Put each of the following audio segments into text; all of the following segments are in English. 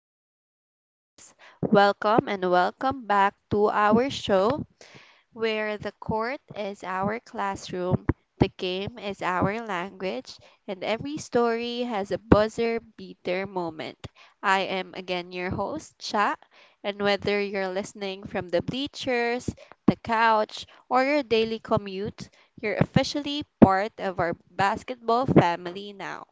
Hope lovers? Welcome and welcome back to our show where the court is our classroom, the game is our language, and every story has a buzzer beater moment. I am again your host, Cha, and whether you're listening from the bleachers, the couch, or your daily commute, you're officially part of our basketball family now.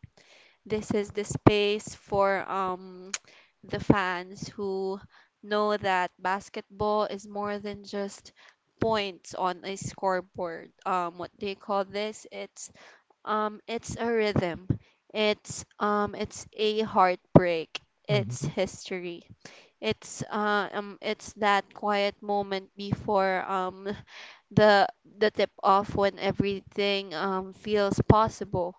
This is the space for the fans who know that basketball is more than just points on a scoreboard. What they call this? It's a rhythm. It's a heartbreak. It's Mhm. history. It's that quiet moment before the the tip off when everything feels possible,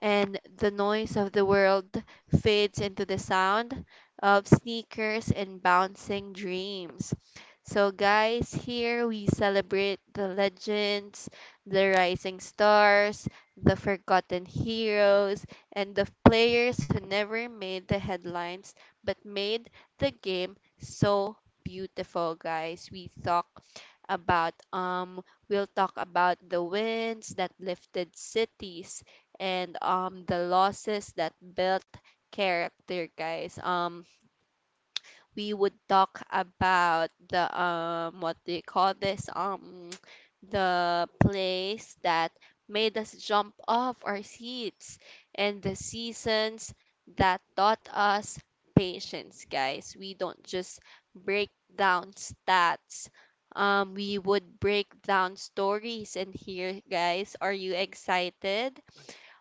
and the noise of the world fades into the sound of sneakers and bouncing dreams. So, guys, here we celebrate the legends, the rising stars, the forgotten heroes, and the players who never made the headlines but made the game so beautiful, guys. We talk about we'll talk about the winds that lifted cities and the losses that built character, guys. We would talk about the what do you call this the place that made us jump off our seats and the seasons that taught us patience, guys. We don't just break down stats. We would break down stories, and here, guys. Are you excited?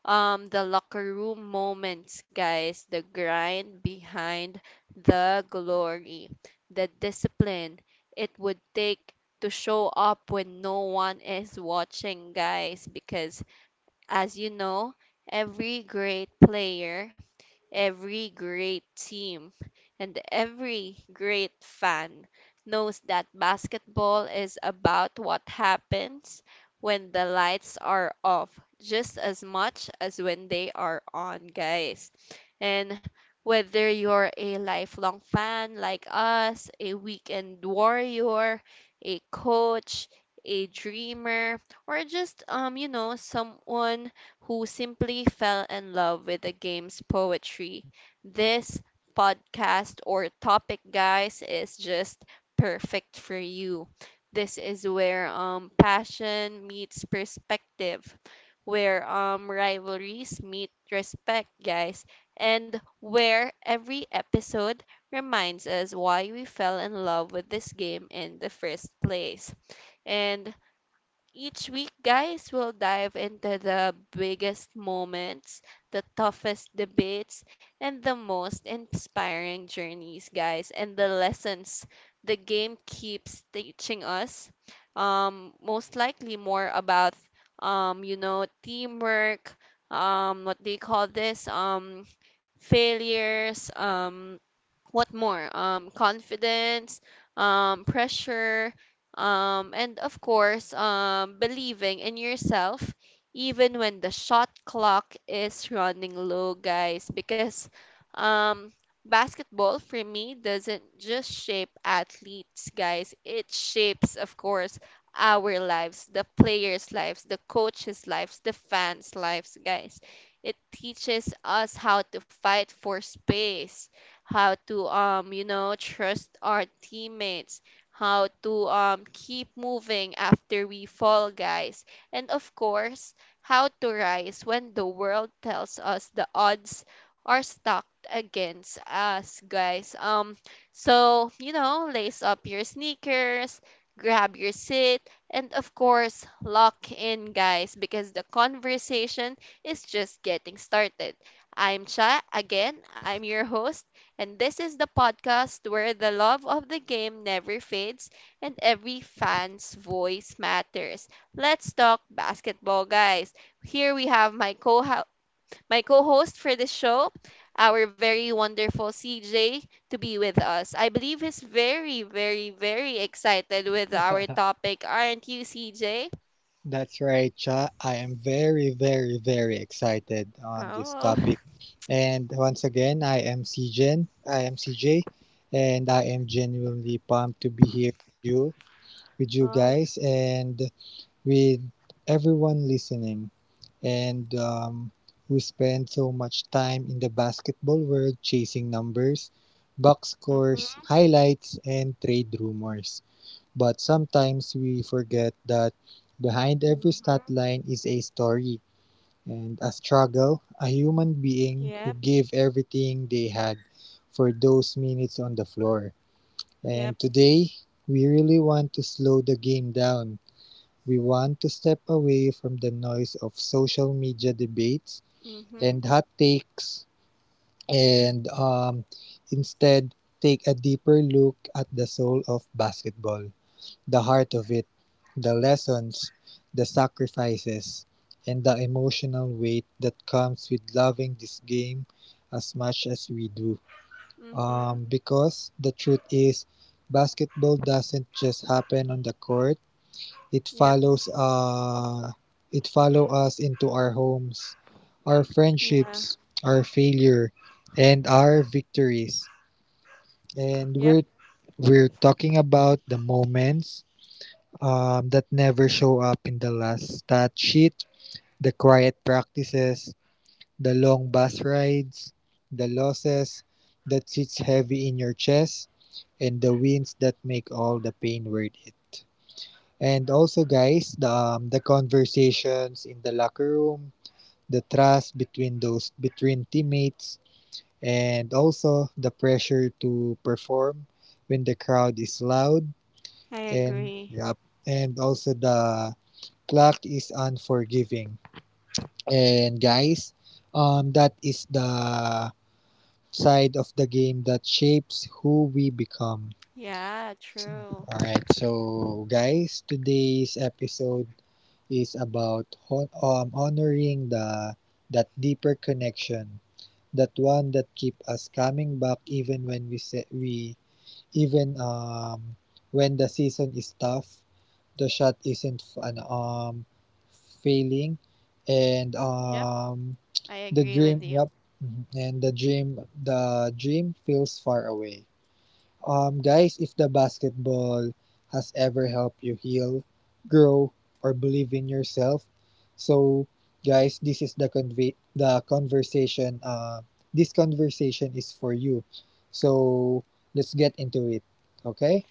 The locker room moments, guys, the grind behind the glory, the discipline it would take to show up when no one is watching, guys, because as you know, every great player, every great team, and every great fan knows that basketball is about what happens when the lights are off just as much as when they are on, guys. And whether you're a lifelong fan like us, a weekend warrior, a coach, a dreamer, or just you know someone who simply fell in love with the game's poetry. This podcast or topic, guys, is just perfect for you. This is where passion meets perspective, where rivalries meet respect, guys, and where every episode reminds us why we fell in love with this game in the first place. And each week, guys, we'll dive into the biggest moments, the toughest debates, and the most inspiring journeys, guys, and the lessons the game keeps teaching us. Most likely more about, you know, teamwork, what they call this, failures, what more confidence, pressure, and of course believing in yourself even when the shot clock is running low, guys, because um basketball for me doesn't just shape athletes, guys. It shapes, of course, our lives, the players' lives, the coaches' lives, the fans' lives, guys. It teaches us how to fight for space, how to you know trust our teammates, how to keep moving after we fall, guys. And of course, how to rise when the world tells us the odds are stacked against us, guys. So, you know, lace up your sneakers, grab your seat, and of course, lock in, guys, because the conversation is just getting started. I'm Cha. Again, I'm your host, and this is the podcast where the love of the game never fades and every fan's voice matters. Let's talk basketball, guys. Here we have my co my co-host for the show, our very wonderful CJ to be with us. I believe he's very, very, very excited with our topic, aren't you, CJ? That's right, Cha. I am very, very, very excited on this Oh, topic. And once again, I am CJ, and I am genuinely pumped to be here with you, oh, yeah. guys, and with everyone listening, and who spend so much time in the basketball world chasing numbers, box Mhm. scores, highlights, and trade rumors, but sometimes we forget that behind every stat Mhm. line is a story and a struggle, a human being who Yep. gave everything they had for those minutes on the floor. Yep. And today, we really want to slow the game down. We want to step away from the noise of social media debates Mhm. and hot takes and instead take a deeper look at the soul of basketball, the heart of it, the lessons, the sacrifices, and the emotional weight that comes with loving this game as much as we do. Mhm. Because the truth is, basketball doesn't just happen on the court. It Yep. follows uh, it follow us into our homes, our Yeah. friendships, our failure, and our victories. And Yep. we're talking about the moments that never show up in the last stat sheet, the quiet practices, the long bus rides, the losses that sits heavy in your chest, and the wins that make all the pain worth it. And also, guys, the conversations in the locker room, the trust between teammates, and also the pressure to perform when the crowd is loud, I and agree. yeah, and also the clock is unforgiving. And guys, that is the side of the game that shapes who we become. Yeah, true. Alright, so guys, today's episode is about honoring the that deeper connection, that one that keep us coming back even when we say we, even when the season is tough, the shot isn't failing, and Yep, I the agree with dream. you. Yep, mhm, and the dream feels far away. Guys, if the basketball has ever helped you heal, grow, or believe in yourself, so guys, this is the conversation. This conversation is for you. So let's get into it. Okay.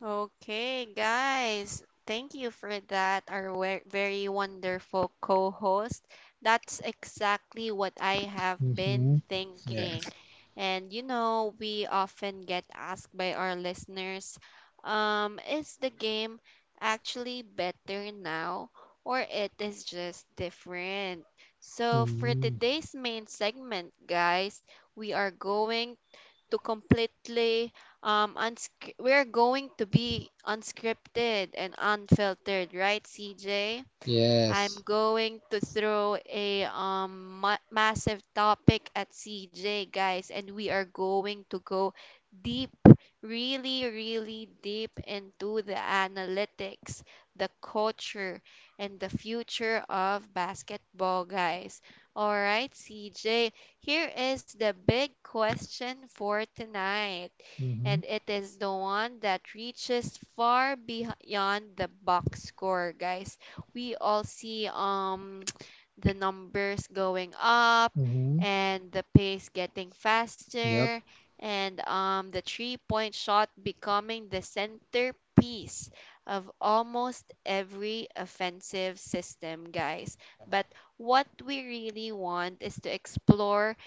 Okay, guys, thank you for that, our very wonderful co host. That's exactly what I have been Mm-hmm. thinking. Yes. And you know, we often get asked by our listeners, is the game actually better now or it is just different? So, for Mm-hmm. today's main segment, guys, we are going to completely We're going to be unscripted and unfiltered, right, CJ? I'm Yes. going to throw a massive topic at CJ, guys, and we are going to go deep, really, really deep into the analytics, the culture, and the future of basketball, guys. All right, CJ, here is the big question for tonight. Mm-hmm. And it is the one that reaches far beyond the box score, guys. We all see the numbers going up Mm-hmm. and the pace getting Yep. faster and the 3 point shot becoming the centerpiece of almost every offensive system, guys. But what we really want is to explore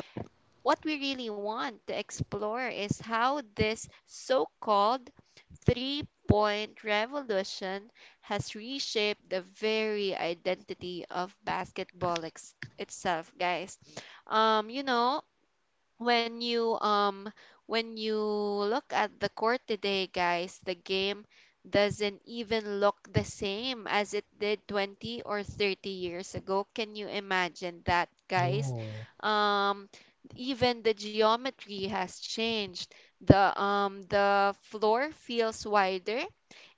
what we really want to explore is how this so called 3 point revolution has reshaped the very identity of itself, guys. You know, when you um when you look at the court today, guys, the game doesn't even look the same as it did 20 or 30 years ago. Can you imagine that, guys? Oh. Um, Even the geometry has changed. The floor feels wider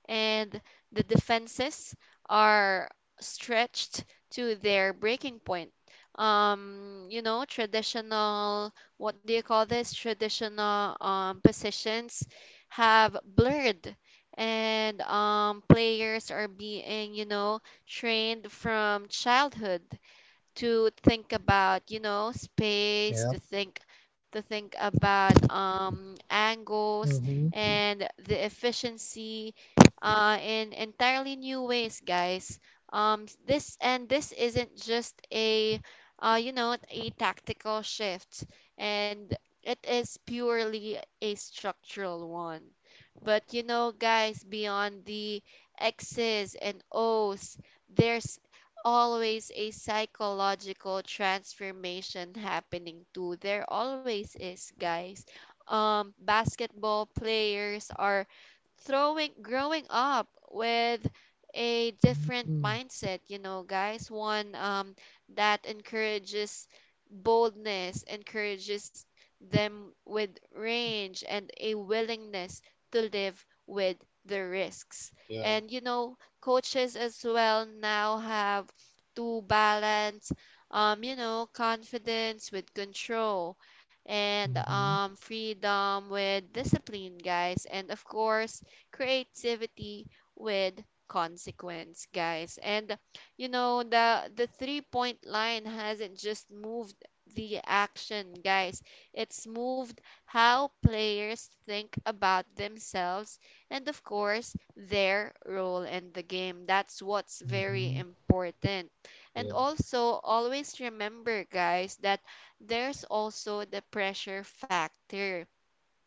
and the defenses are stretched to their breaking point. You know, traditional, what do you call this? Traditional positions have blurred, and players are being, you know, trained from childhood to think about, you know, space, Yep. To think about angles Mm-hmm. and the efficiency in entirely new ways, guys. This isn't just a you know a tactical shift, and it is purely a structural one. But you know, guys, beyond the X's and O's, there's always a psychological transformation happening too. There always is, guys. Basketball players are throwing growing up with a different Mm-hmm. mindset, you know, guys. One that encourages boldness, encourages them with range and a willingness to live with the risks. Yeah. And you know, coaches as well now have to balance you know confidence with control and Mm-hmm. Freedom with discipline, guys, and of course creativity with consequence, guys. And you know, the 3 point line hasn't just moved the action, guys. It's moved how players think about themselves and of course their role in the game. That's what's very Mm-hmm. important. And Yeah. also, always remember, guys, that there's also the pressure factor.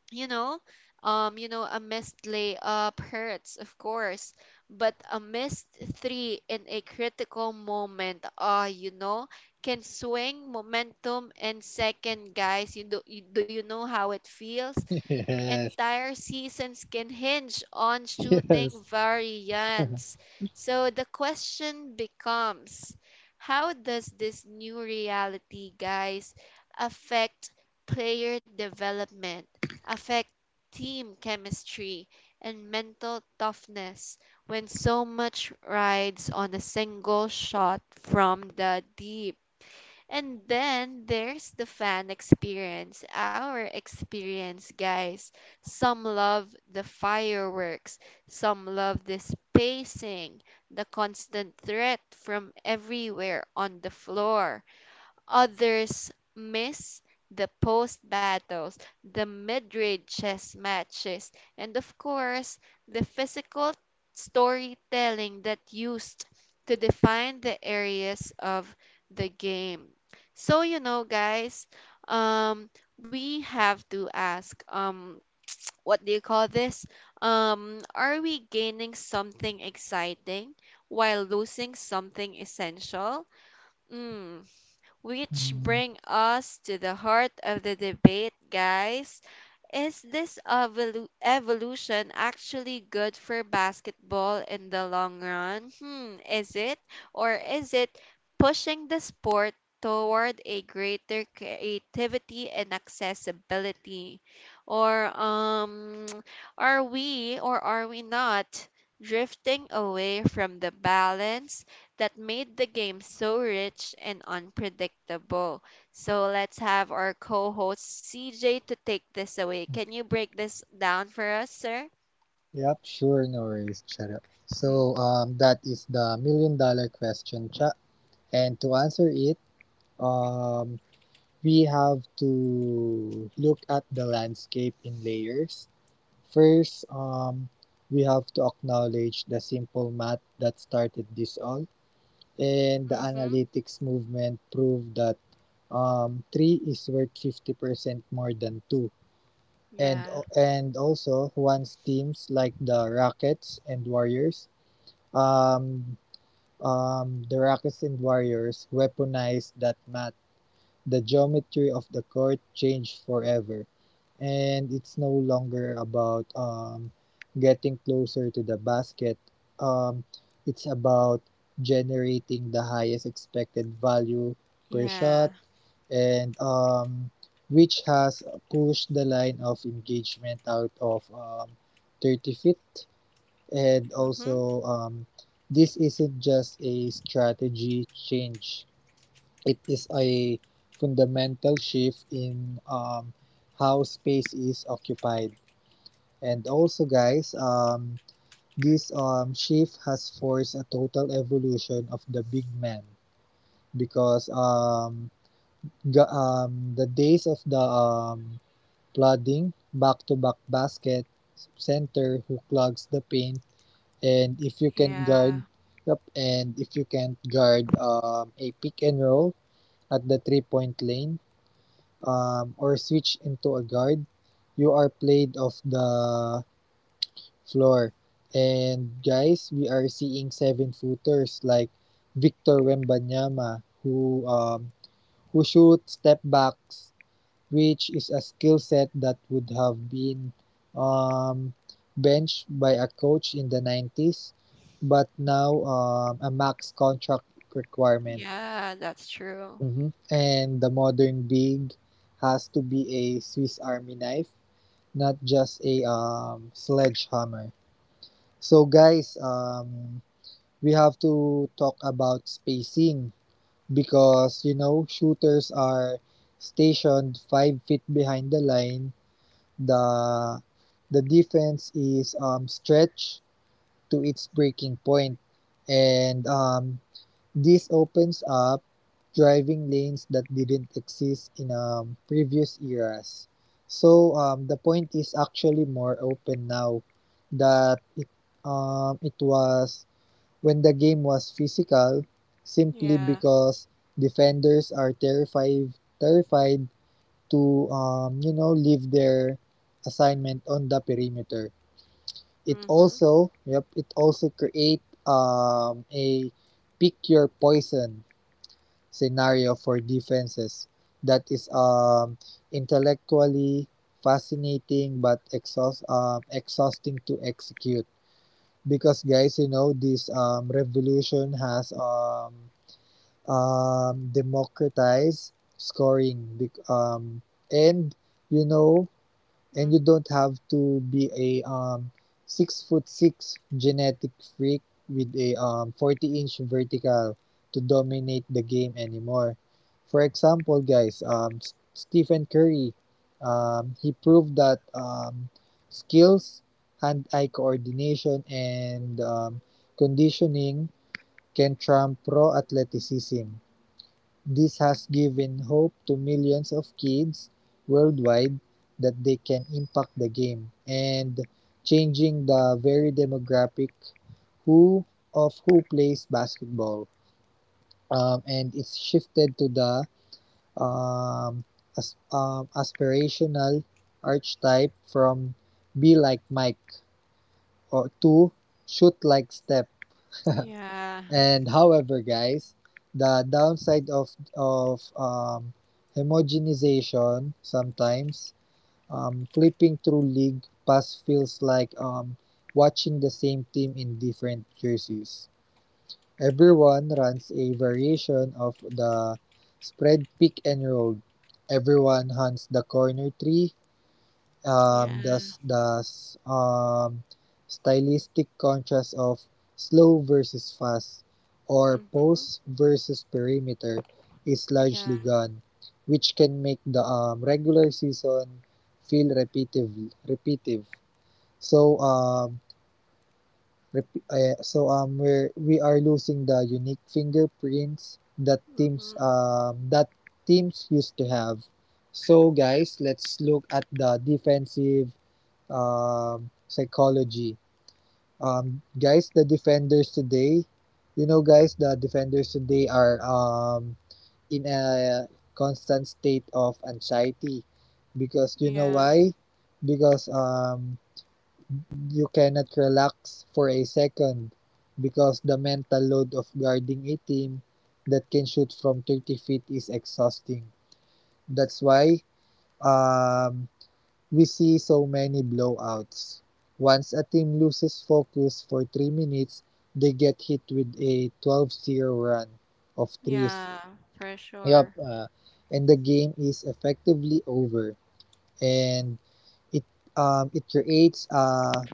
You know, you know, a missed layup hurts, of course, but a missed three in a critical moment, ah, you know, can swing momentum and second, guys. Do you know how it feels? Yes. Entire seasons can hinge on shooting Yes. variants. So the question becomes, how does this new reality, guys, affect player development, affect team chemistry, and mental toughness when so much rides on a single shot from the deep? And then there's the fan experience, our experience, guys. Some love the fireworks, some love the spacing, the constant threat from everywhere on the floor. Others miss the post battles, the mid ranges matches, and of course, the physical storytelling that used to define the areas of the game. So, you know, guys, um, we have to ask, what do you call this? Are we gaining something exciting while losing something essential? Mm, which Mm. bring us to the heart of the debate, guys. Is this evolution actually good for basketball in the long run? Hmm, is it? Or is it pushing the sport toward a greater creativity and accessibility? Or are we or are we not drifting away from the balance that made the game so rich and unpredictable? So let's have our co host CJ to take this away. Can you break this down for us, sir? Yep, sure, no worries, shut up. So, that is the million dollar question, Cha. And to answer it, um, we have to look at the landscape in layers. First, we have to acknowledge the simple math that started this all, and the Mm-hmm. analytics movement proved that 3 is worth 50% more than 2. And Yeah. Also once teams like the Rockets and Warriors, um, the Rockets and Warriors weaponized that ma the geometry of the court changed forever, and it's no longer about getting closer to the basket. Um, it's about generating the highest expected value per Yeah. shot, and which has pushed the line of engagement out of 30 feet. And Mm-hmm. also, this isn't just a strategy change, it is a fundamental shift in how space is occupied. And also, guys, this shift has forced a total evolution of the big man because the days of the plodding back to back basket center who clogs the paint, and if you can not Yeah. guard, yup, and if you can't guard a pick and roll at the 3-point lane, or switched into a guard, you are played off the floor. And guys, we are seeing 7-footers like Victor Wembanyama who shoots step backs, which is a skill set that would have been um, benched by a coach in the 90s, but now a max contract requirement. Yeah, that's true. Mhm. And the modern big has to be a Swiss Army knife, not just a sledgehammer. So guys, we have to talk about spacing because you know shooters are stationed 5 feet behind the line. The the defense is stretched to its breaking point, and this opens up driving lanes that didn't exist in previous eras. So the point is actually more open now that it was when the game was physical, simply Yeah. because defenders are terrified to leave their assignment on the perimeter. It Mm-hmm. also, yep, it also create a pick your poison scenario for defenses that is intellectually fascinating but exhausting to execute because guys you know this revolution has democratized scoring, um, and you know and Mm. you don't have to be a 6-foot-6 genetic freak with a 40-inch vertical to dominate the game anymore. For example, guys, Stephen Curry, he proved that skills, hand eye coordination, and conditioning can trump pro athleticism. This has given hope to millions of kids worldwide that they can impact the game and changing the very demographic who of who plays basketball. And it's shifted to the um, aspirational archetype from be like Mike or to shoot like Steph. Yeah. And however, guys, the downside of homogenization: sometimes flipping through league pass feels like watching the same team in different jerseys. Everyone runs a variation of the spread pick and roll. Everyone hunts the corner three, Yeah. um, the the um, stylistic contrast of slow versus fast or Mm-hmm. post versus perimeter is Yeah. largely gone, which can make the regular season feel repetitive. Repetitive. So um, so we are losing the unique fingerprints that teams Mm-hmm. um, that teams used to have. So guys, let's look at the defensive psychology. The defenders today, you know, guys, the defenders today are in a constant state of anxiety because you know Yeah. why? Because you cannot relax for a second because the mental load of guarding a team that can shoot from 30 feet is exhausting. That's why um, we see so many blowouts. Once a team loses focus for 3 minutes, they get hit with a 12-0 run of threes. Yeah. For Yup. sure. And the game is effectively over. And it it creates a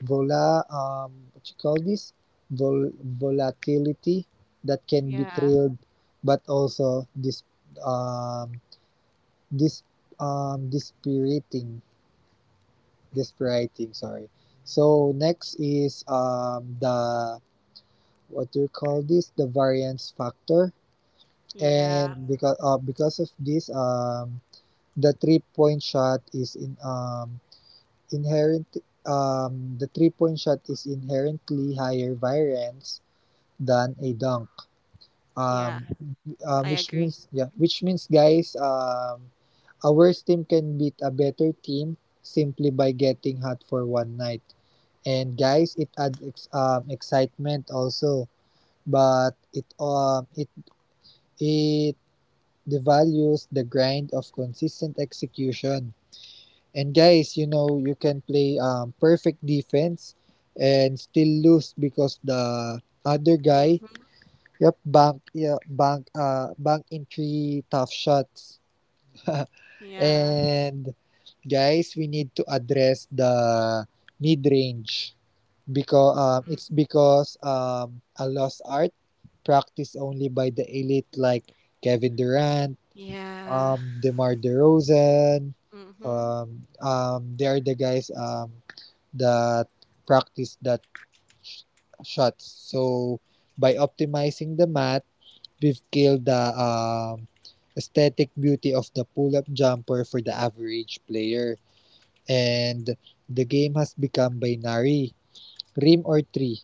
vola what you call this Vol- volatility that can be Yeah. thrilled, but also this, um this dispiriting. This sorry. So next is the what do you call this? The variance factor. Yeah. And because of this the three point shot is in inherent the 3-point shot is inherently higher variance than a dunk. Yeah. Um I agree. Which means guys, a worse team can beat a better team simply by getting hot for one night, and guys it adds excitement also, but it it devalues the grind of consistent execution, and guys you know you can play perfect defense and still lose because the other guy, Mm-hmm. yep, bank yeah bank bank in three tough shots. Yeah. And guys, we need to address the mid-range because Mm. it's because a lost art practiced only by the elite like Kevin Durant, Yeah. DeMar DeRozan. Mm-hmm. They are the guys that practice that sh- shots. So by optimizing the math we've killed the aesthetic beauty of the pull-up jumper for the average player. And the game has become binary, rim or tree,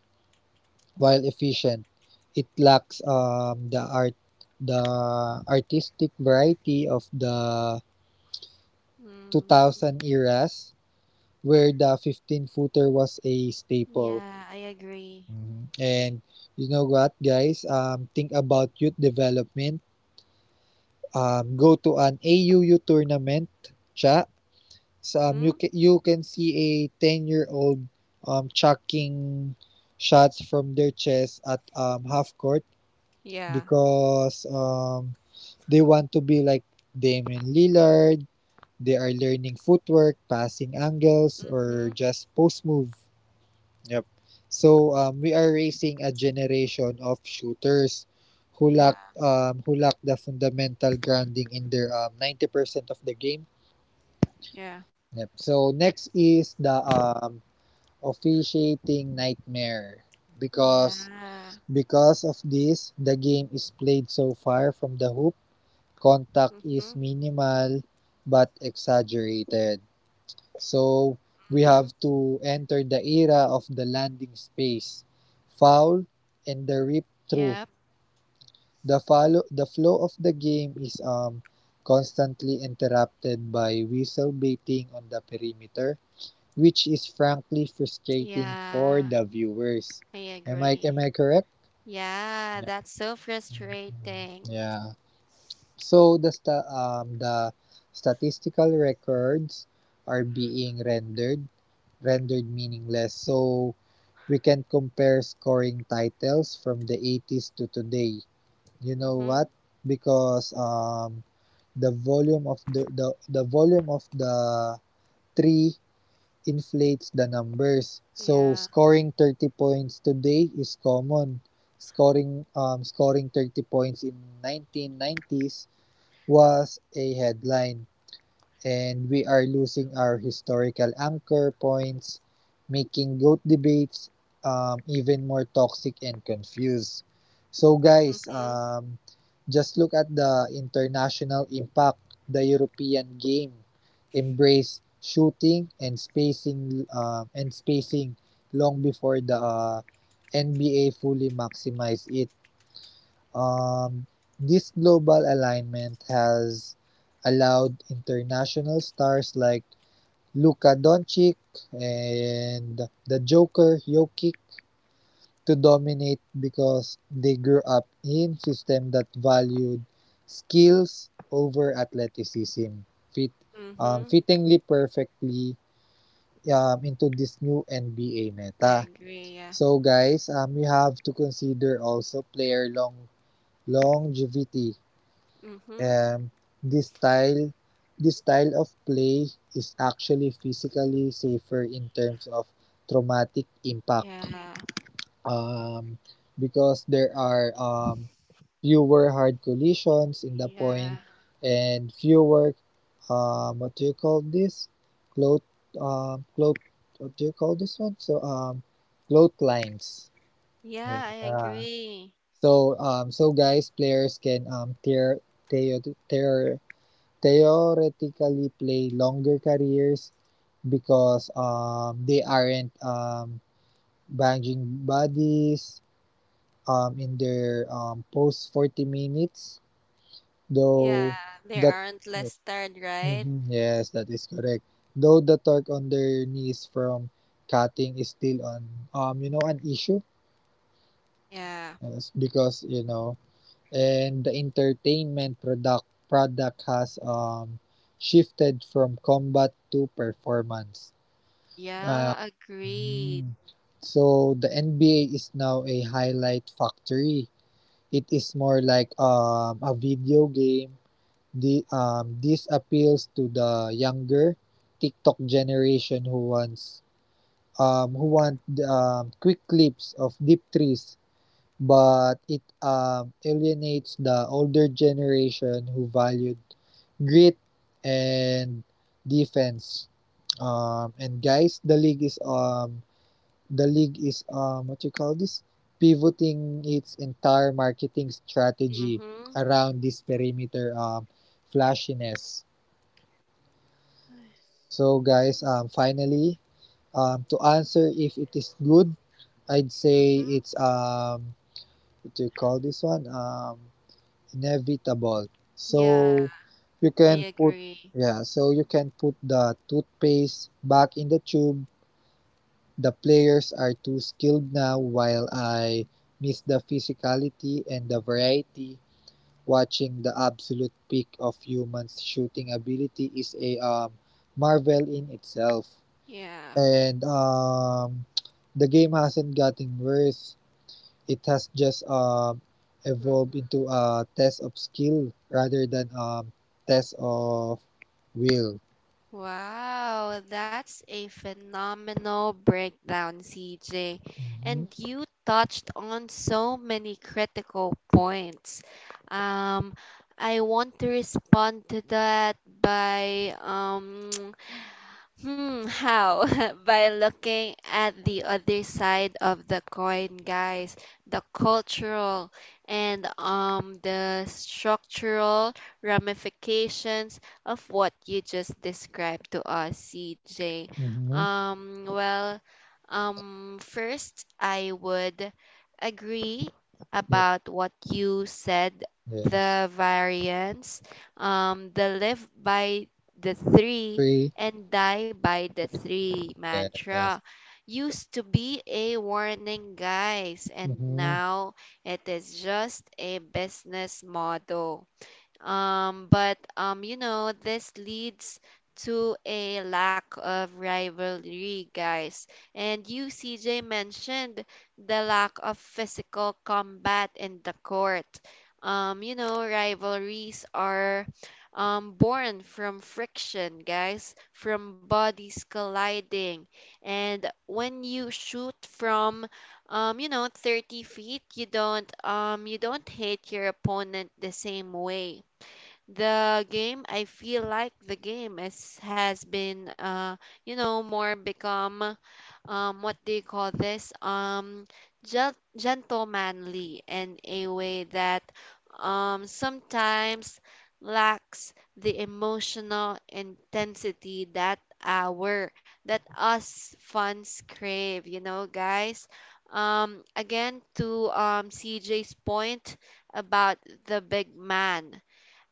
while efficient. It lacks the artistic variety of the Mm, 2000 eras where the 15-footer was a staple. yeah, I agree. Mm-hmm. And you know what, guys? Think about youth development. Go to an AUU tournament siya. So, Mm, you can see a 10-year-old chucking shots from their chest at half court yeah. because they want to be like Damian Lillard. They are learning footwork, passing angles, Mm-hmm. or just post move. Yep. So we are raising a generation of shooters Yeah. Who lack the fundamental grounding in their 90% of the game. Yeah. Yep. So next is the officiating nightmare because Yeah. Of this the game is played so far from the hoop. Contact is Mm-hmm. minimal but exaggerated. So, we Mm-hmm. have to enter the era of the landing space, foul, and the rip through. Yep. The flow of the game is constantly interrupted by whistle baiting on the perimeter, which is frankly frustrating for Yeah. the viewers. I Am I am agree. I correct? Yeah, Yeah. that's so frustrating. Yeah. So the statistical records are being rendered meaningless. So we can compare scoring titles from the 80s to today. You know what? Mm-hmm. Because the volume of the tree inflates the numbers. So Yeah. scoring 30 points today is common. Scoring 30 points in 1990s was a headline, and we are losing our historical anchor points, making GOAT debates even more toxic and confused. So, guys, Mm-hmm. Just look at the international impact. The European game embraced shooting and spacing long before the NBA fully maximized it. Um, this global alignment has allowed international stars like Luka Doncic and the Joker Jokic to dominate because they grew up in system that valued skills over athleticism, fit, um, Mm-hmm. fittingly perfectly into this new NBA I meta. agree. Yeah. So, guys, we have to consider also player longevity. Mm-hmm. Um, this style this style of play is actually physically safer in terms of traumatic impact, Yeah. um, because there are fewer hard collisions in the point Yeah. and fewer, what do you call this? Cloth, um, cloth what do you call this one? So, cloth lines. Yeah, I Yeah. agree. So, guys, players can tear tear tear theoretically play longer careers because they aren't banging bodies in their post 40 minutes. Yeah, Though they that, aren't yeah. listed, right? Mhm. Yes, that is correct. Though the torque on their knees from cutting is still on, an issue. Yeah. Yes, and the entertainment product has shifted from combat to performance. Uh, Yeah, mm. agree. So the NBA is now a highlight factory. It is more like a video game. The this appeals to the younger TikTok generation who want quick clips of deep trees, but it alienates the older generation who valued grit and defense. And guys, the league is what you call this, pivoting its entire marketing strategy Mm-hmm. around this perimeter flashiness. So, guys, finally, to answer if it is good, I'd say it's what do you call this one? Inevitable. So Yeah, you I can put agree. Yeah, so you can put the toothpaste back in the tube. The players are too skilled now while I miss the physicality and the variety. Watching the absolute peak of humans' shooting ability is a marvel in itself. Yeah. And the game hasn't gotten worse. It has just evolved Mm-hmm. into a test of skill rather than a test of will. Wow, that's a phenomenal breakdown, CJ. Mm-hmm. And you touched on so many critical points. Um, I want to respond to that by hmm, how? By looking at the other side of the coin, guys, the cultural and the structural ramifications of what you just described to us, CJ. Mm-hmm. Um, well, first, I would agree Yeah. about what you said, Yes. the variance, the live by the three Three. and die by the three mantra Yes. used to be a warning, guys, and Mm-hmm. now it is just a business model. But you know, this leads to a lack of rivalry, guys. And you, CJ, mentioned the lack of physical combat in the court. You know, rivalries are born from friction, guys, from bodies colliding. And when you shoot from you know, 30 feet, you don't hit your opponent the same way I feel like the game is has been you know more become what do you call this gentlemanly in a way that sometimes lacks the emotional intensity that our that us fans crave, you know, guys. Um, again, to CJ's point about the big man,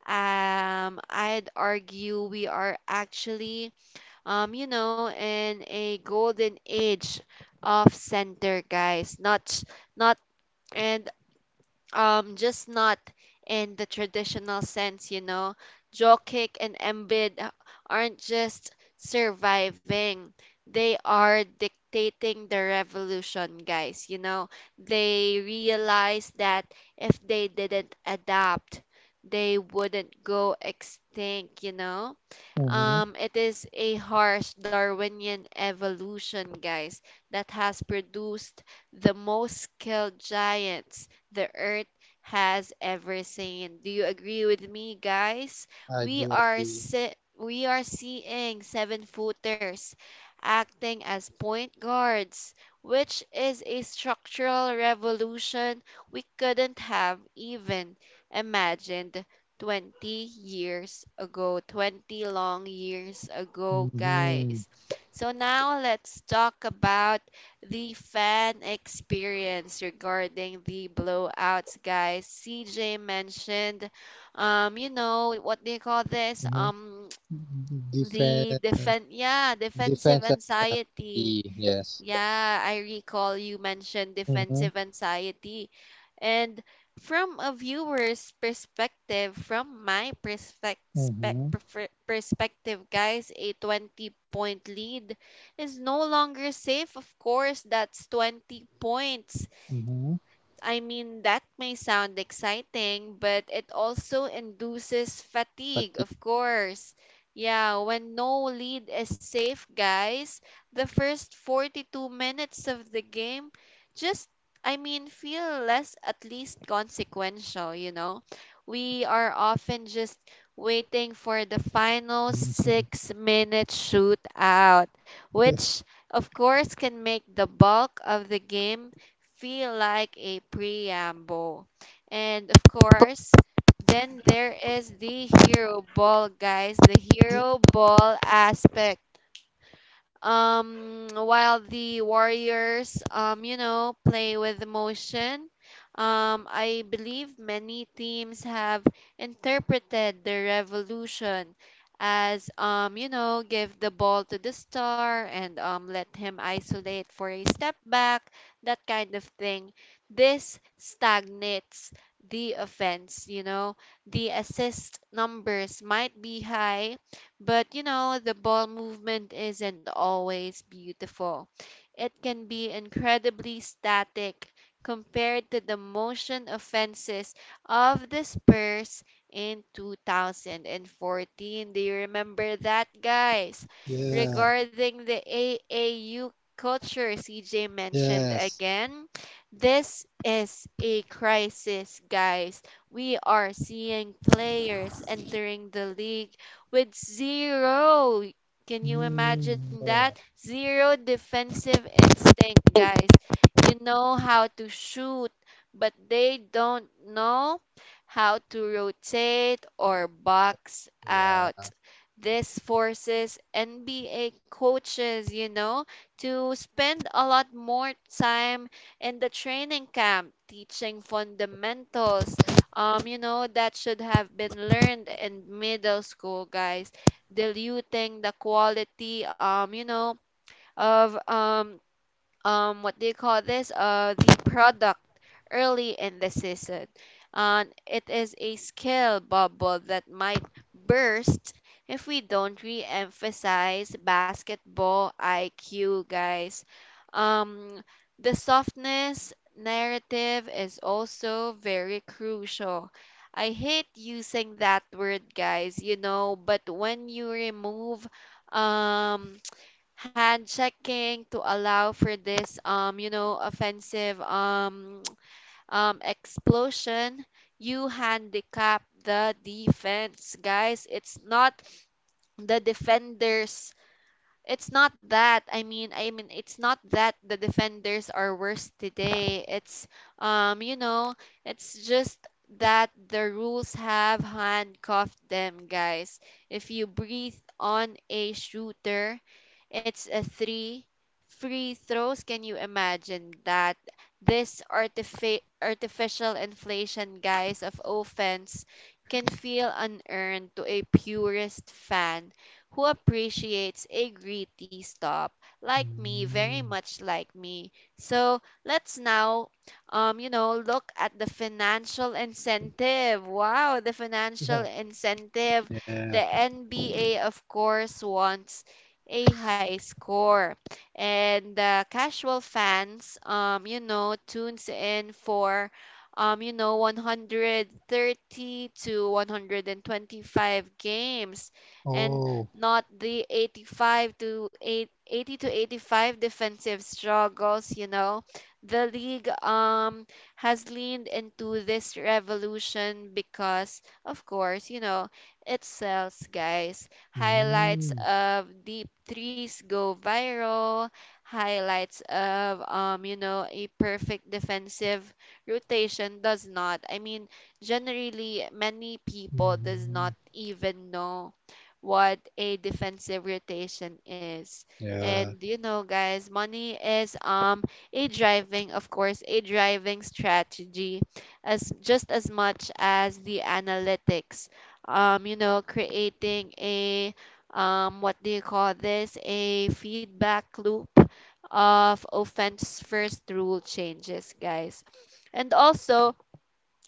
I'd argue we are actually, you know, in a golden age of center guys. Not, not, and just not in the traditional sense, you know. Jokic and embed aren't just surviving, they are dictating the revolution, guys, you know. They realize that if they didn't adapt, they wouldn't go extinct, you know. Mm-hmm. Um, it is a harsh Darwinian evolution, guys, that has produced the most skilled giants the Earth has ever seen. Do you agree with me, guys? I do agree. We are seeing seven-footers acting as point guards, which is a structural revolution we couldn't have even imagined 20 years ago, 20 long years ago, Mm-hmm. guys. So now let's talk about the fan experience regarding the blowouts, guys. CJ mentioned, you know, what they call this? Mm-hmm. Defense, Yeah, defensive defense anxiety. anxiety, Yes. yeah, I recall you mentioned Mm-hmm. defensive anxiety. And from a viewer's perspective, from my perspec- spec- Mm-hmm. perfe- perspective, guys, a 20 point lead is no longer safe. Of course, that's 20 points. Mm-hmm. I mean, that may sound exciting, but it also induces fatigue, Fatigue. of course. Yeah, when no lead is safe, guys, the first 42 minutes of the game just, I mean, feel less, at least consequential, you know? We are often just waiting for the final Mm-hmm. 6 minute shootout, which, of course, can make the bulk of the game feel like a preamble. And of course, then there is the hero ball, guys, the hero ball aspect. While the warriors um, you know, play with emotion, I believe many teams have interpreted the revolution as, you know, give the ball to the star and let him isolate for a step back, that kind of thing. This stagnates the offense, you know. The assist numbers might be high, but you know, the ball movement isn't always beautiful, it can be incredibly static compared to the motion offenses of the Spurs in 2014. Do you remember that, guys? Yeah. Regarding the AAU culture CJ mentioned Yes. again, this is a crisis, guys. We are seeing players entering the league with zero, can you Mm, imagine that? Zero defensive instinct, guys. You know how to shoot, but they don't know how to rotate or box yeah. Yeah. out. This forces NBA coaches, you know, to spend a lot more time in the training camp teaching fundamentals, you know, that should have been learned in middle school, guys, diluting the quality, you know, of what do you call this? The product early in the season. And it is a skill bubble that might burst if we don't re-emphasize basketball IQ, guys. Um, the softness narrative is also very crucial. I hate using that word, guys, you know, but when you remove um, hand checking to allow for this, you know, offensive explosion, you handicap the defense, guys. The defender's it's not that. I mean, it's not that the defenders are worse today. It's you know, it's just that the rules have handcuffed them, guys. If you breathe on a shooter, it's a three free throws. Can you imagine that? This artificial inflation, guys, of offense can feel unearned to a purist fan who appreciates a gritty stop, like me, very Mm, much like me. So let's now, you know, look at the financial incentive. Wow, the financial yeah. incentive. Yeah. The NBA, of course, wants a high score. And the casual fans, you know, tunes in for, you know, 130 to 125 games and Oh. not the 85 to 8, 80 to 85 defensive struggles, you know. The league has leaned into this revolution because, of course, you know, it sells, guys. Highlights Mm, of deep threes go viral, highlights of um, you know, a perfect defensive rotation does not. I mean, generally many people does mm-hmm. not even know what a defensive rotation is. Yeah. And you know, guys, money is a driving, of course, a driving strategy as just as much as the analytics, you know, creating a what do you call this? A feedback loop of offense first rule changes, guys. And also,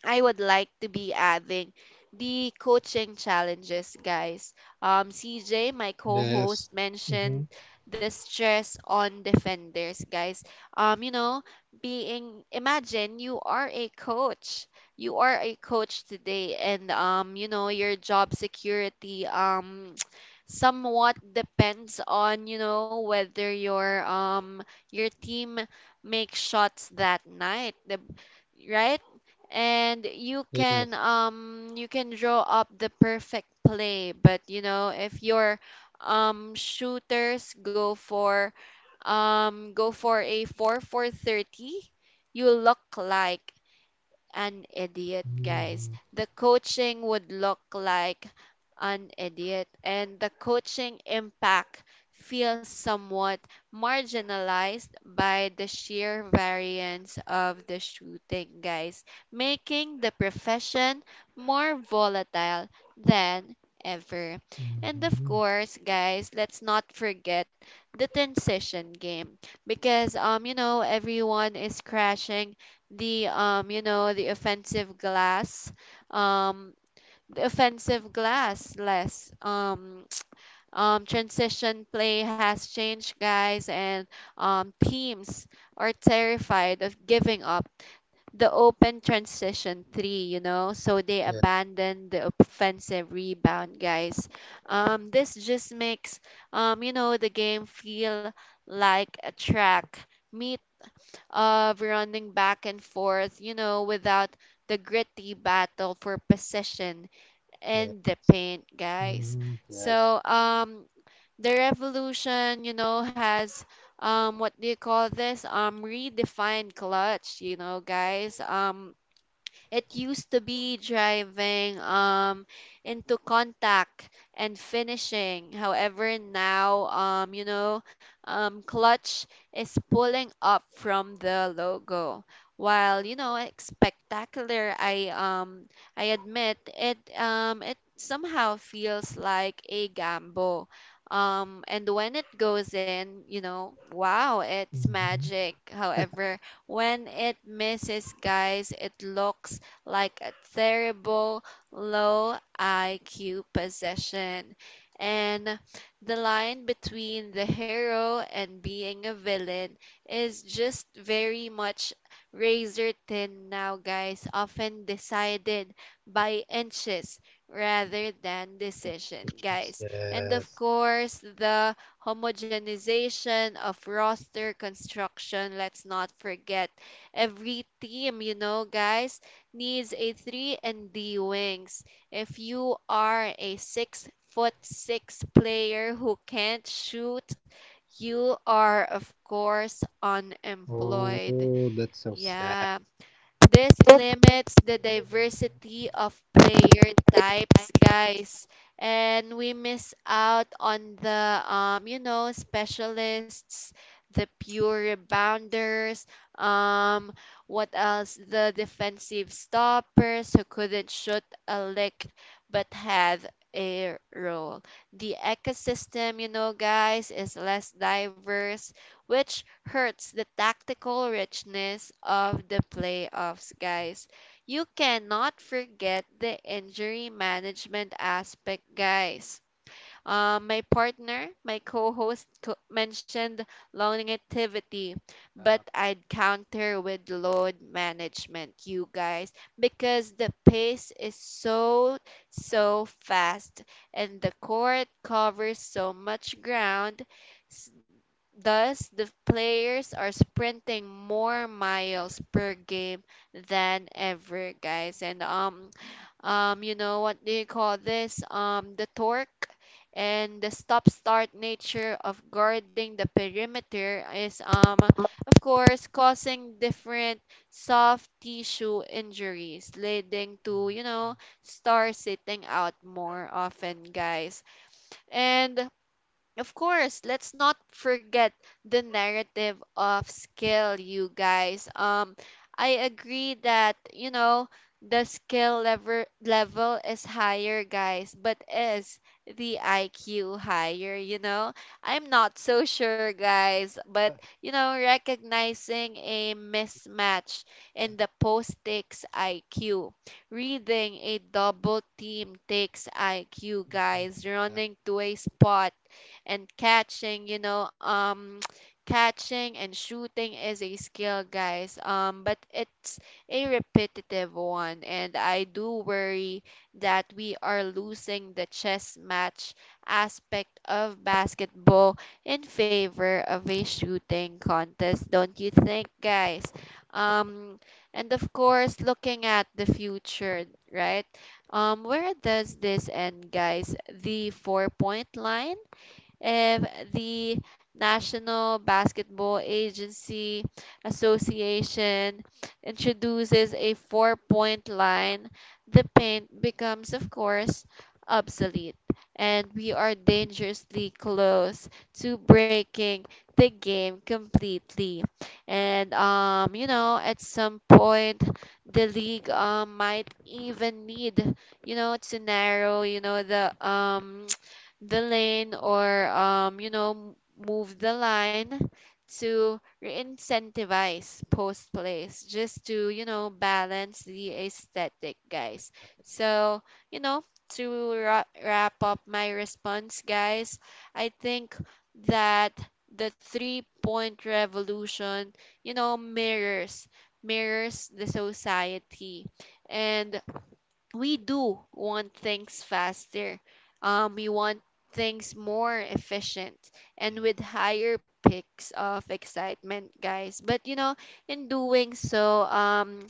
I would like to be adding the coaching challenges, guys. CJ, my Yes. co-host, Mm-hmm. mentioned the stress on defenders, guys. You know, being imagine you are a coach. You are a coach today, and you know, your job security somewhat depends on, you know, whether your team makes shots that night. Right? And you can Yes. um, you can draw up the perfect play, but you know, if your shooters go for a 4 for 30, you look like an idiot, guys. Mm-hmm. The coaching would look like an idiot, and the coaching impact feels somewhat marginalized by the sheer variance of the shooting, guys, making the profession more volatile than ever. And of Mm-hmm. course, guys, let's not forget the transition game, because um, you know, everyone is crashing the um, you know, um the offensive glass less transition play has changed, guys, and teams are terrified of giving up the open transition 3, you know, so they Yeah. abandon the offensive rebound, guys. Um, this just makes um, you know, the game feel like a track meet of running back and forth, you know, without the gritty battle for possession Yeah. and the paint, guys. Mm-hmm. Yes. So, the revolution, you know, has what do you call this? um, redefined clutch, you know, guys. Um, it used to be driving into contact and finishing. However, now um, you know, um, clutch is pulling up from the logo. While you know it's spectacular, I I admit it it somehow feels like a gamble. And when it goes in, you know, wow, it's Mm-hmm. magic. However, when it misses, guys, it looks like a terrible low IQ possession. And the line between the hero and being a villain is just very much razor thin now, guys, often decided by inches rather than decision, guys. And of Yes. course, the homogenization of roster construction, let's not forget, every team, you know, guys, needs a 3 and D wings. If you are a 6 foot 6 player who can't shoot, you are of course unemployed. Oh, that's so sad. Yeah. This limits the diversity of player types, guys, and we miss out on the you know, specialists, the pure rebounders, um, what else? The defensive stoppers who couldn't shoot a lick but had a role. The ecosystem, you know, guys, is less diverse, which hurts the tactical richness of the playoffs, guys. You cannot forget the injury management aspect, guys. My partner, my co-host mentioned longevity, but Uh, I'd counter with load management, you guys, because the pace is so, so fast and the court covers so much ground. Thus, the players are sprinting more miles per game than ever, guys. And you know, what do you call this? um, the torque and the stop-start nature of guarding the perimeter is of course, causing different soft tissue injuries, leading to, mm, you know, stars sitting out more often, guys. And of course, let's not forget the narrative of skill, you guys. I agree that, you know, the skill level is higher, guys, but is the IQ higher, you know? I'm not so sure, guys, but, you know, recognizing a mismatch in the post takes IQ. Reading a double team takes IQ, mm, mm, guys. uh, Running to a spot and catching, you know, catching and shooting is a skill, guys. Um, but it's a repetitive one and I do worry that we are losing the chess match aspect of basketball in favor of a shooting contest, don't you think, guys? Um, and of course, looking at the future, right? Where does this end, guys? The 4 point line? If the National Basketball Agency Association introduces a 4 point line, the paint becomes, of course, obsolete, and we are dangerously close to breaking the game completely. And you know, at some point, the league might even need, you know, to narrow, you know, the lane or you know, move the line to re-incentivize post plays just to, you know, balance the aesthetic, guys. So, you know, to wrap up my response, guys, I think that the 3 point revolution, you know, mirrors the society, and we do want things faster. We want things more efficient and yes. with higher peaks of excitement, guys. But you know, in doing so,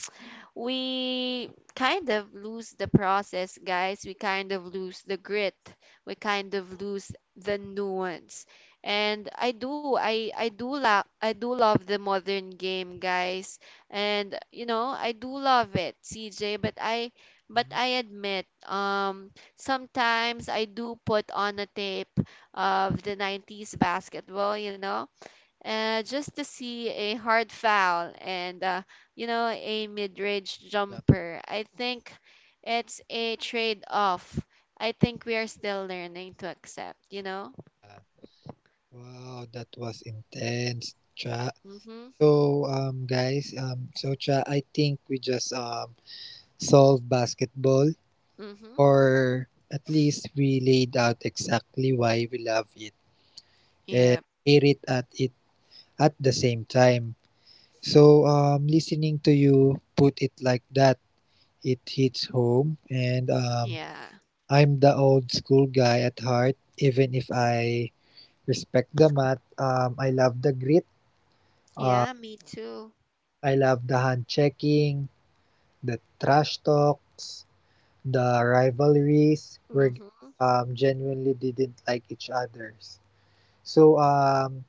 we kind of lose the process, guys. We kind of lose the grit. We kind of lose the nuance. And I do love the modern game, guys. And you know, I do love it, CJ. But Mm, I admit, sometimes I do put on a tape of the 90s basketball, just to see a hard foul and you know a mid-range blah, jumper. I think it's a trade-off. I think we are still learning to accept, you know? blah. Wow, that was intense, Cha. Mhm. So, guys, so Cha, I think we just solved basketball, Mhm. or at least we laid out exactly why we love it and Yep. hate it at the same time. So, listening to you put it like that, it hits home. And Yeah. I'm the old school guy at heart, even if I respect the math. I love the grit. Uh, Yeah, me too. I love the hand checking, the trash talks, the rivalries where Mhm. Genuinely didn't like each other's. So,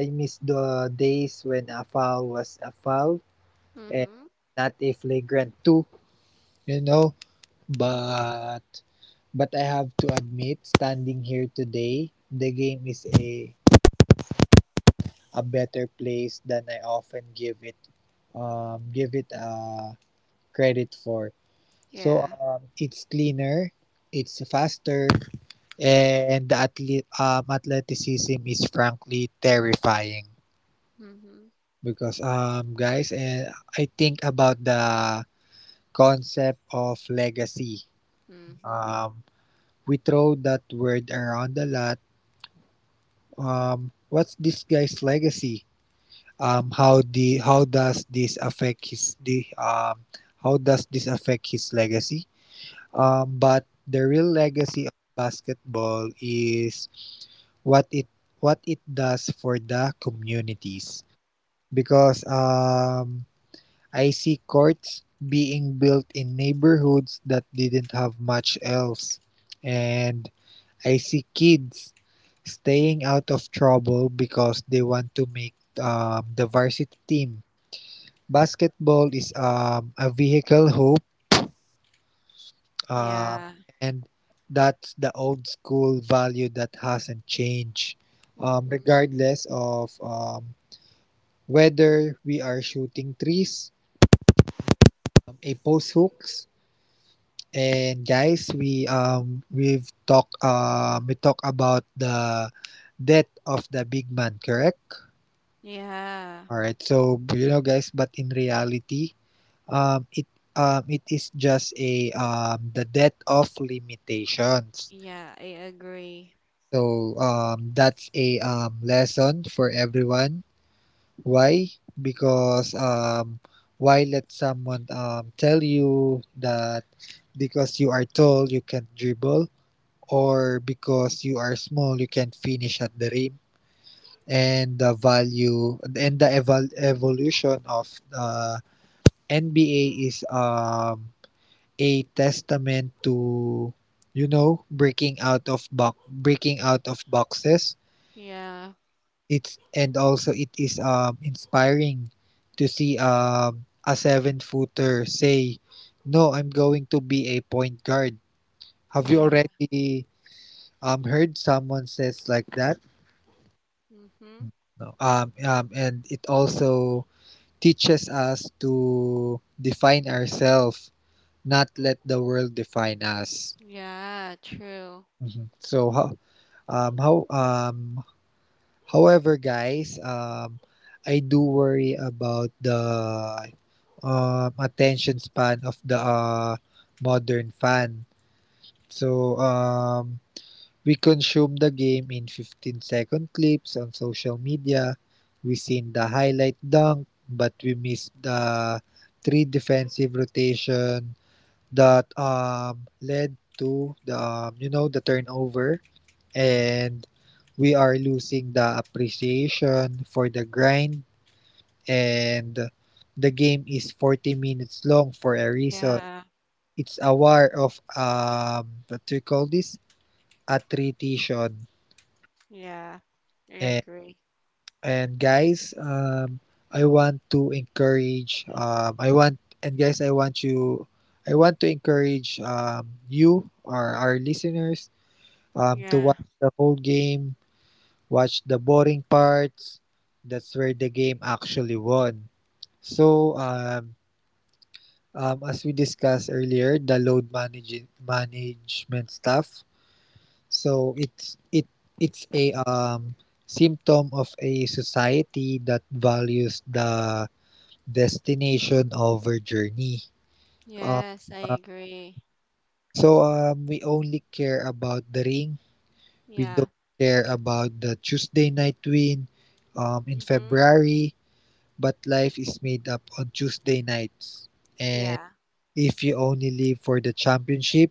I miss the days when a foul was a foul and Mhm. not a flagrant 2, you know. Mhm. But but I have to admit, standing here today, the game is a better place than I often give it um, give it uh, credit for. So, Yeah. It's cleaner, it's faster, Yep. and the athleticism is frankly terrifying Mhm. because, guys, and I think about the concept of legacy. Mhm. Um, we throw that word around a lot. What's this guy's legacy? um, how the how does this affect his the um, how does this affect his legacy? But the real legacy of basketball is what it what it does for the communities because I see courts being built in neighborhoods that didn't have much else, and I see kids staying out of trouble because they want to make the varsity team. Basketball is a vehicle hoop, um, Yeah. and that's the old school value that hasn't changed, Mhm. regardless of whether we are shooting threes, a post hooks. And guys, we talk about the death of the big man, correct? Yeah. All right, so, you know, guys, but in reality, Um, it it is just a the death of limitations. Yeah, I agree. So, that's a lesson for everyone. Why? Because why let someone tell you that because you are tall you can't dribble or because you are small you can't finish at the rim. And the value and the evolution of NBA is a testament to, you know, breaking out of boxes. Yeah. It's and also it is inspiring to see a 7-footer say no, I'm going to be a point guard. Have you Yeah. already heard someone says like that? Mhm. No. And it also teaches us to define ourselves, not let the world define us. Yeah, true. Mhm. Um, how, um, however guys, I do worry about the attention span of the modern fan. So, we consume the game in 15-second clips on social media. We seen the highlight dunk, but we missed the three defensive rotation that led to the turnover. And we are losing the appreciation for the grind, and the game is 40 minutes long for a reason. Yeah, It's a war of what do you call this? Attrition. yeah. I And agree. and guys, I want to encourage um I want and guys I want you I want to encourage you or our listeners Yeah. to watch the whole game, watch the boring parts. That's where the game actually won. So, as we discussed earlier, the load management stuff. So it's a symptom of a society that values the destination over journey. Uh, Yes, I uh, agree. so we only care about the ring. We Yeah. don't care about the Tuesday night win in Mm-hmm. February. But life is made up on Tuesday nights. And Yeah. if you only live for the championship,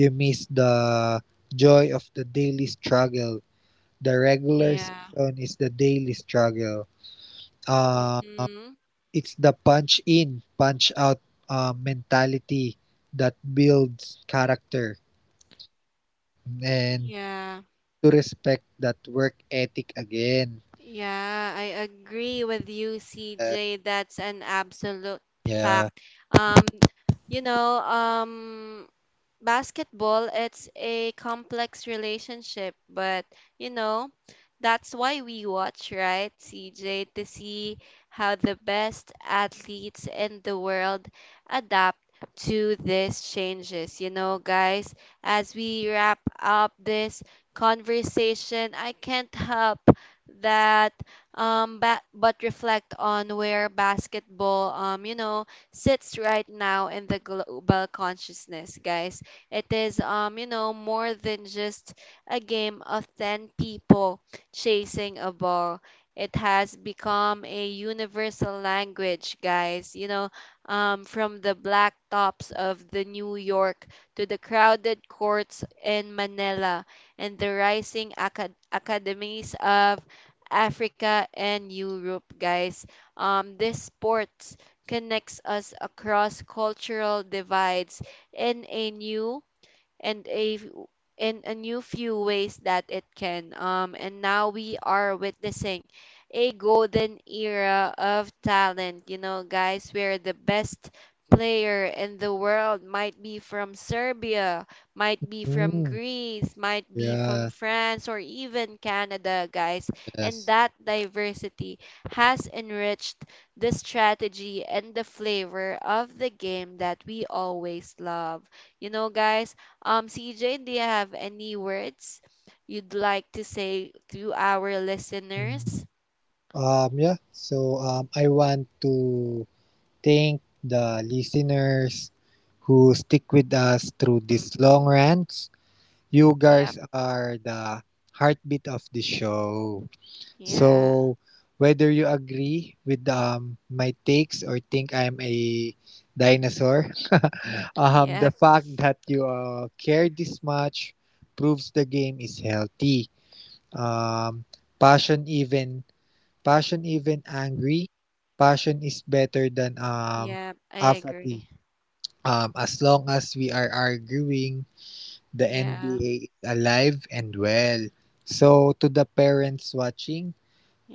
you miss the joy of the daily struggle. The regular Yeah. season is the daily struggle. Uh, Mm-hmm. it's the punch in, punch out mentality that builds character, and Yeah. to respect that work ethic again. Yeah, I agree with you, Uh, CJ. That's an absolute yeah. fact. Um, you know, um, basketball it's a complex relationship but you know that's why we watch, right, CJ, to see how the best athletes in the world adapt to these changes. You know, guys, as we wrap up this conversation, I can't help that but reflect on where basketball, you know, sits right now in the global consciousness, guys. It is, you know, more than just a game of 10 people chasing a ball. It has become a universal language, guys. You know, from the black tops of the New York to the crowded courts in Manila and the rising academies of Africa and Europe, guys. This sport connects us across cultural divides in a new and a f- in a new few ways that it can. And now we are witnessing a golden era of talent. You know, guys, where the best player in the world might be from Serbia, might be from Mm, Greece, might be from yeah. France, or even Canada, guys. And Yes. that diversity has enriched the strategy and the flavor of the game that we always love. You know, guys, CJ, do you have any words you'd like to say to our Mm. listeners? Yeah, so I want to thank the listeners who stick with us through this Mm-hmm. long rant. You Yep. guys are the heartbeat of the show. Yeah. So, whether you agree with my takes or think I'm a dinosaur, the Yep. fact that you care this much proves the game is healthy. Um, passion even Passion even angry, passion is better than Yep. I agree. apathy. As long as we are arguing, the Yeah. NBA is alive and well. So to the parents watching,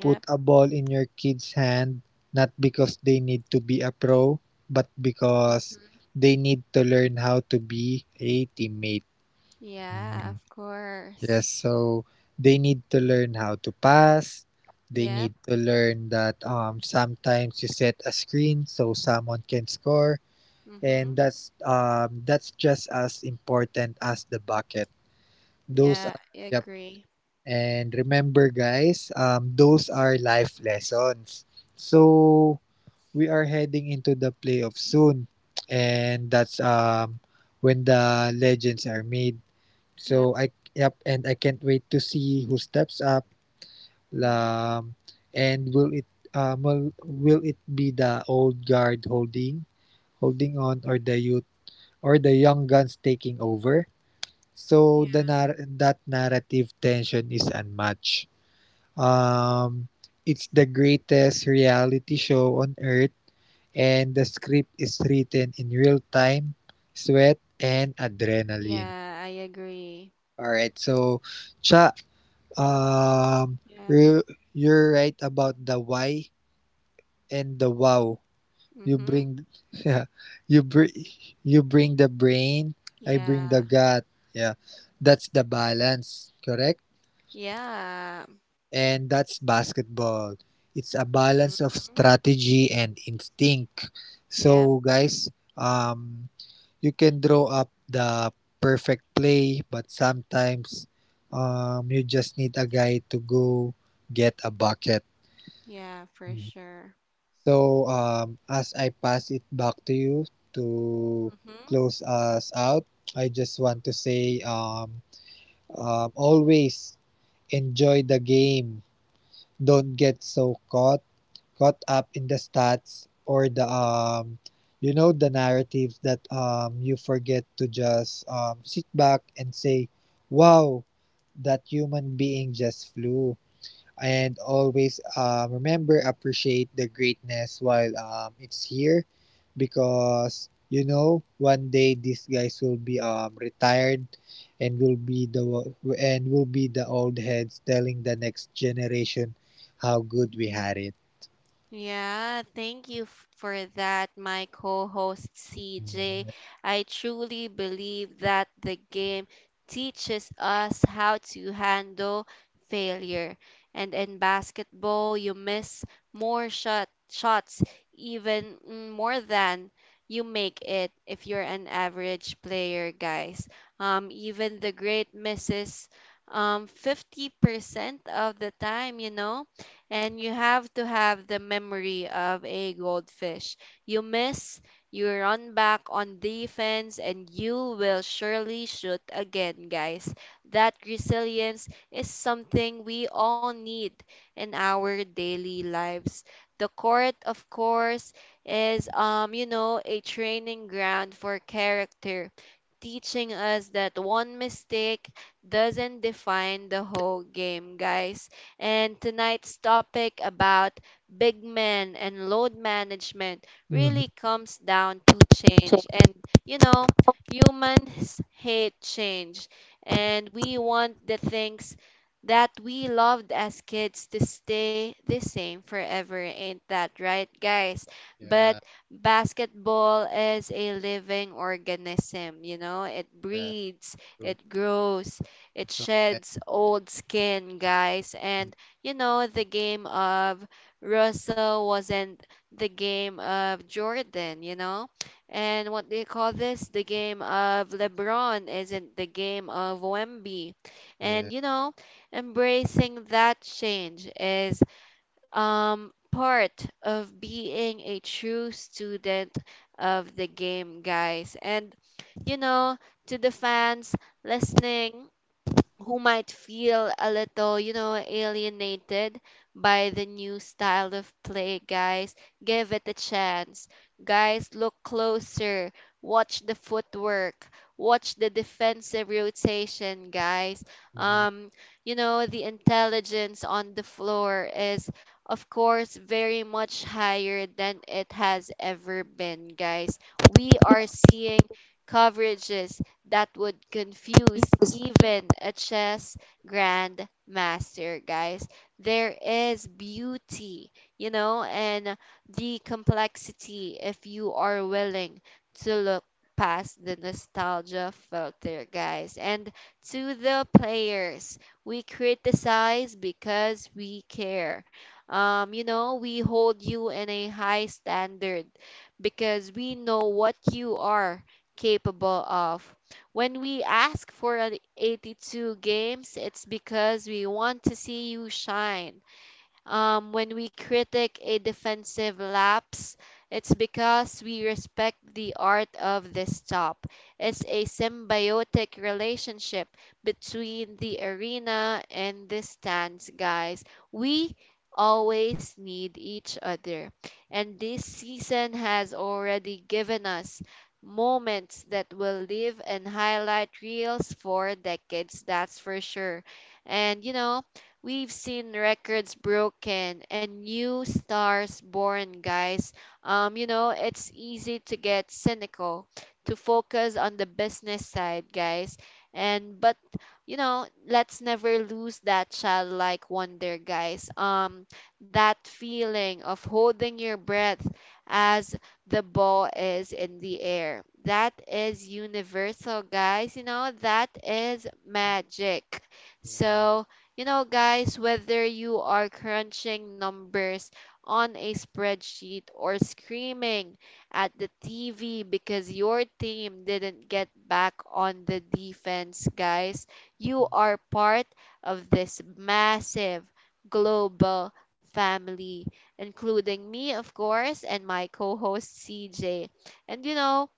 put a ball in your kid's hand not because they need to be a pro, but because Mm-hmm. they need to learn how to be a teammate. Yeah, of course. Yes, so they need to learn how to pass. They need Yep. to learn that sometimes you set a screen so someone can score, Mm-hmm. and that's just as important as the bucket. Those Yeah, are I Yep. agree. And remember, guys, those are life lessons. So we are heading into the playoff soon, and that's when the legends are made. Yep. So I Yep. And I can't wait to see who steps up. Mm-hmm. Um, and will it be the old guard holding on, or the youth, or the young guns taking over? So Yeah. the nar- that narrative tension is unmatched. Um, it's the greatest reality show on earth, and the script is written in real time, sweat and adrenaline. Yeah, I agree. All right, so, Cha, Um, Yep. you you're right about the why and the wow. You Mm-hmm. bring, yeah, you bring the brain. I bring the Yeah. gut. Yeah, that's the balance. Correct. Yeah. And that's basketball. It's a balance of Mm-hmm. strategy and instinct. Yep. So, guys, um, you can draw up the perfect play, but sometimes, you just need a guy to go get a bucket. Yeah, for Mm. sure. So, as I pass it back to you to Mm-hmm. close us out, I just want to say always enjoy the game. Don't get so caught up in the stats or the narratives that you forget to just sit back and say, "Wow, that human being just flew." And always remember: appreciate the greatness while it's here because one day these guys will be retired, and will be the old heads telling the next generation how good we had it. Yeah, thank you for that, my co-host CJ. Mm-hmm. I truly believe that the game teaches us how to handle failure. And in basketball, you miss more shots, even more than you make it if you're an average player, guys. Even the great misses 50% of the time, you know, and you have to have the memory of a goldfish. You miss, you run back on defense, and you will surely shoot again, guys. That resilience is something we all need in our daily lives. The court, of course, is, you know, a training ground for character, teaching us that one mistake doesn't define the whole game, guys. And tonight's topic about big men and load management really comes down to Same. change. And you know, humans hate change, and we want the things that we loved as kids to stay the same forever. Ain't that right, guys? But Yeah, basketball is a living organism. You know, it yeah, breeds, true. it grows, it Correct. sheds old skin, guys. And you know, the game of Russell wasn't the game of Jordan, you know? And what do you call this? The game of LeBron isn't the game of Wemby. Yeah. And you know, embracing that change is part of being a true student of the game, guys. And you know, to the fans listening, who might feel a little, you know, alienated by the new style of play, guys, give it a chance. Guys, look closer, watch the footwork, watch the defensive rotation, guys. hmm Um, you know, the intelligence on the floor is, of course, very much higher than it has ever been, guys. We are seeing coverages that would confuse even a chess grandmaster, guys. There is beauty, you know, and the complexity, if you are willing to look past the nostalgia filter, guys. And to the players, we criticize because we care. You know, we hold you in a high standard because we know what you are capable of. When we ask for an 82 games, it's because we want to see you shine, when we critic a defensive lapse, it's because we respect the art of the stop. It's a symbiotic relationship between the arena and the stands, guys. We always need each other. And this season has already given us moments that will live and highlight reels for decades, that's for sure. And you know, we've seen records broken and new stars born, guys. You know, it's easy to get cynical, to focus on the business side, guys. And but you know, let's never lose that childlike wonder, guys. That feeling of holding your breath as the ball is in the air. That is universal, guys. You know, that is magic. yeah. So, you know, guys, whether you are crunching numbers on a spreadsheet or screaming at the TV because your team didn't get back on the defense, guys, you are part of this massive global family, including me, of course, and my co host CJ. And you know,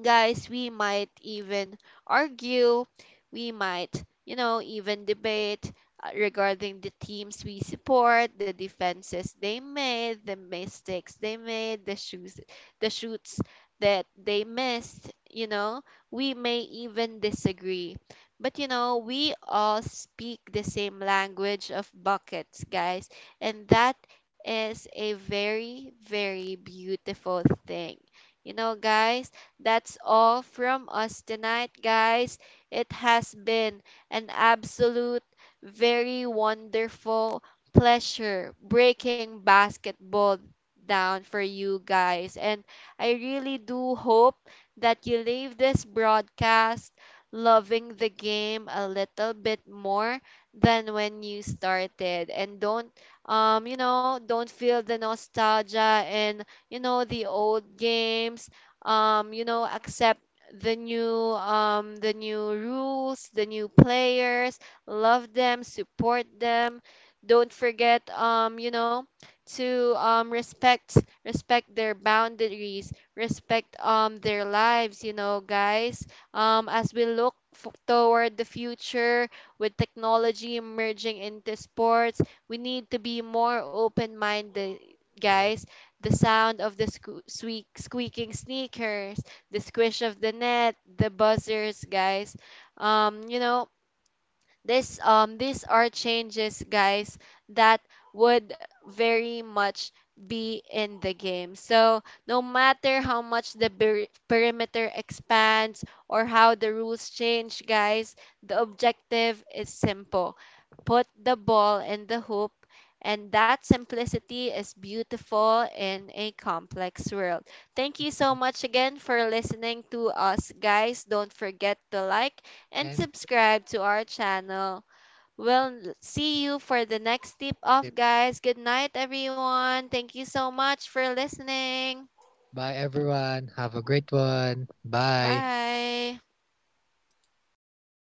guys, we might even argue, we might, you know, even debate, regarding the teams we support, the defenses they made, the mistakes they made, the shoes, the shoots that they missed, you know. We may even disagree. But you know, we all speak the same language of buckets, guys, and that is a very, very beautiful thing. You know, guys, that's all from us tonight, guys. It has been an absolute, very wonderful pleasure breaking basketball down for you guys. And I really do hope that you leave this broadcast loving the game a little bit more than when you started, and don't you know, don't feel the nostalgia and you know the old games. You know, accept the new, the new rules, the new players, love them, support them. Don't forget, you know, to, respect their boundaries, respect, their lives. You know, guys, as we look toward the future with technology emerging into sports, we need to be more open-minded, guys. The sound of the squeak, squeaking sneakers, the squish of the net, the buzzers, guys. You know, this these are changes, guys, that would very much be in the game. So no matter how much the perimeter expands or how the rules change, guys, the objective is simple. Put the ball in the hoop, and that simplicity is beautiful in a complex world. Thank you so much again for listening to us, guys. Don't forget to like and And subscribe to our channel. We'll see you for the next tip okay, off, guys. Good night, everyone. Thank you so much for listening. bye everyone, have a great one. Bye. Bye.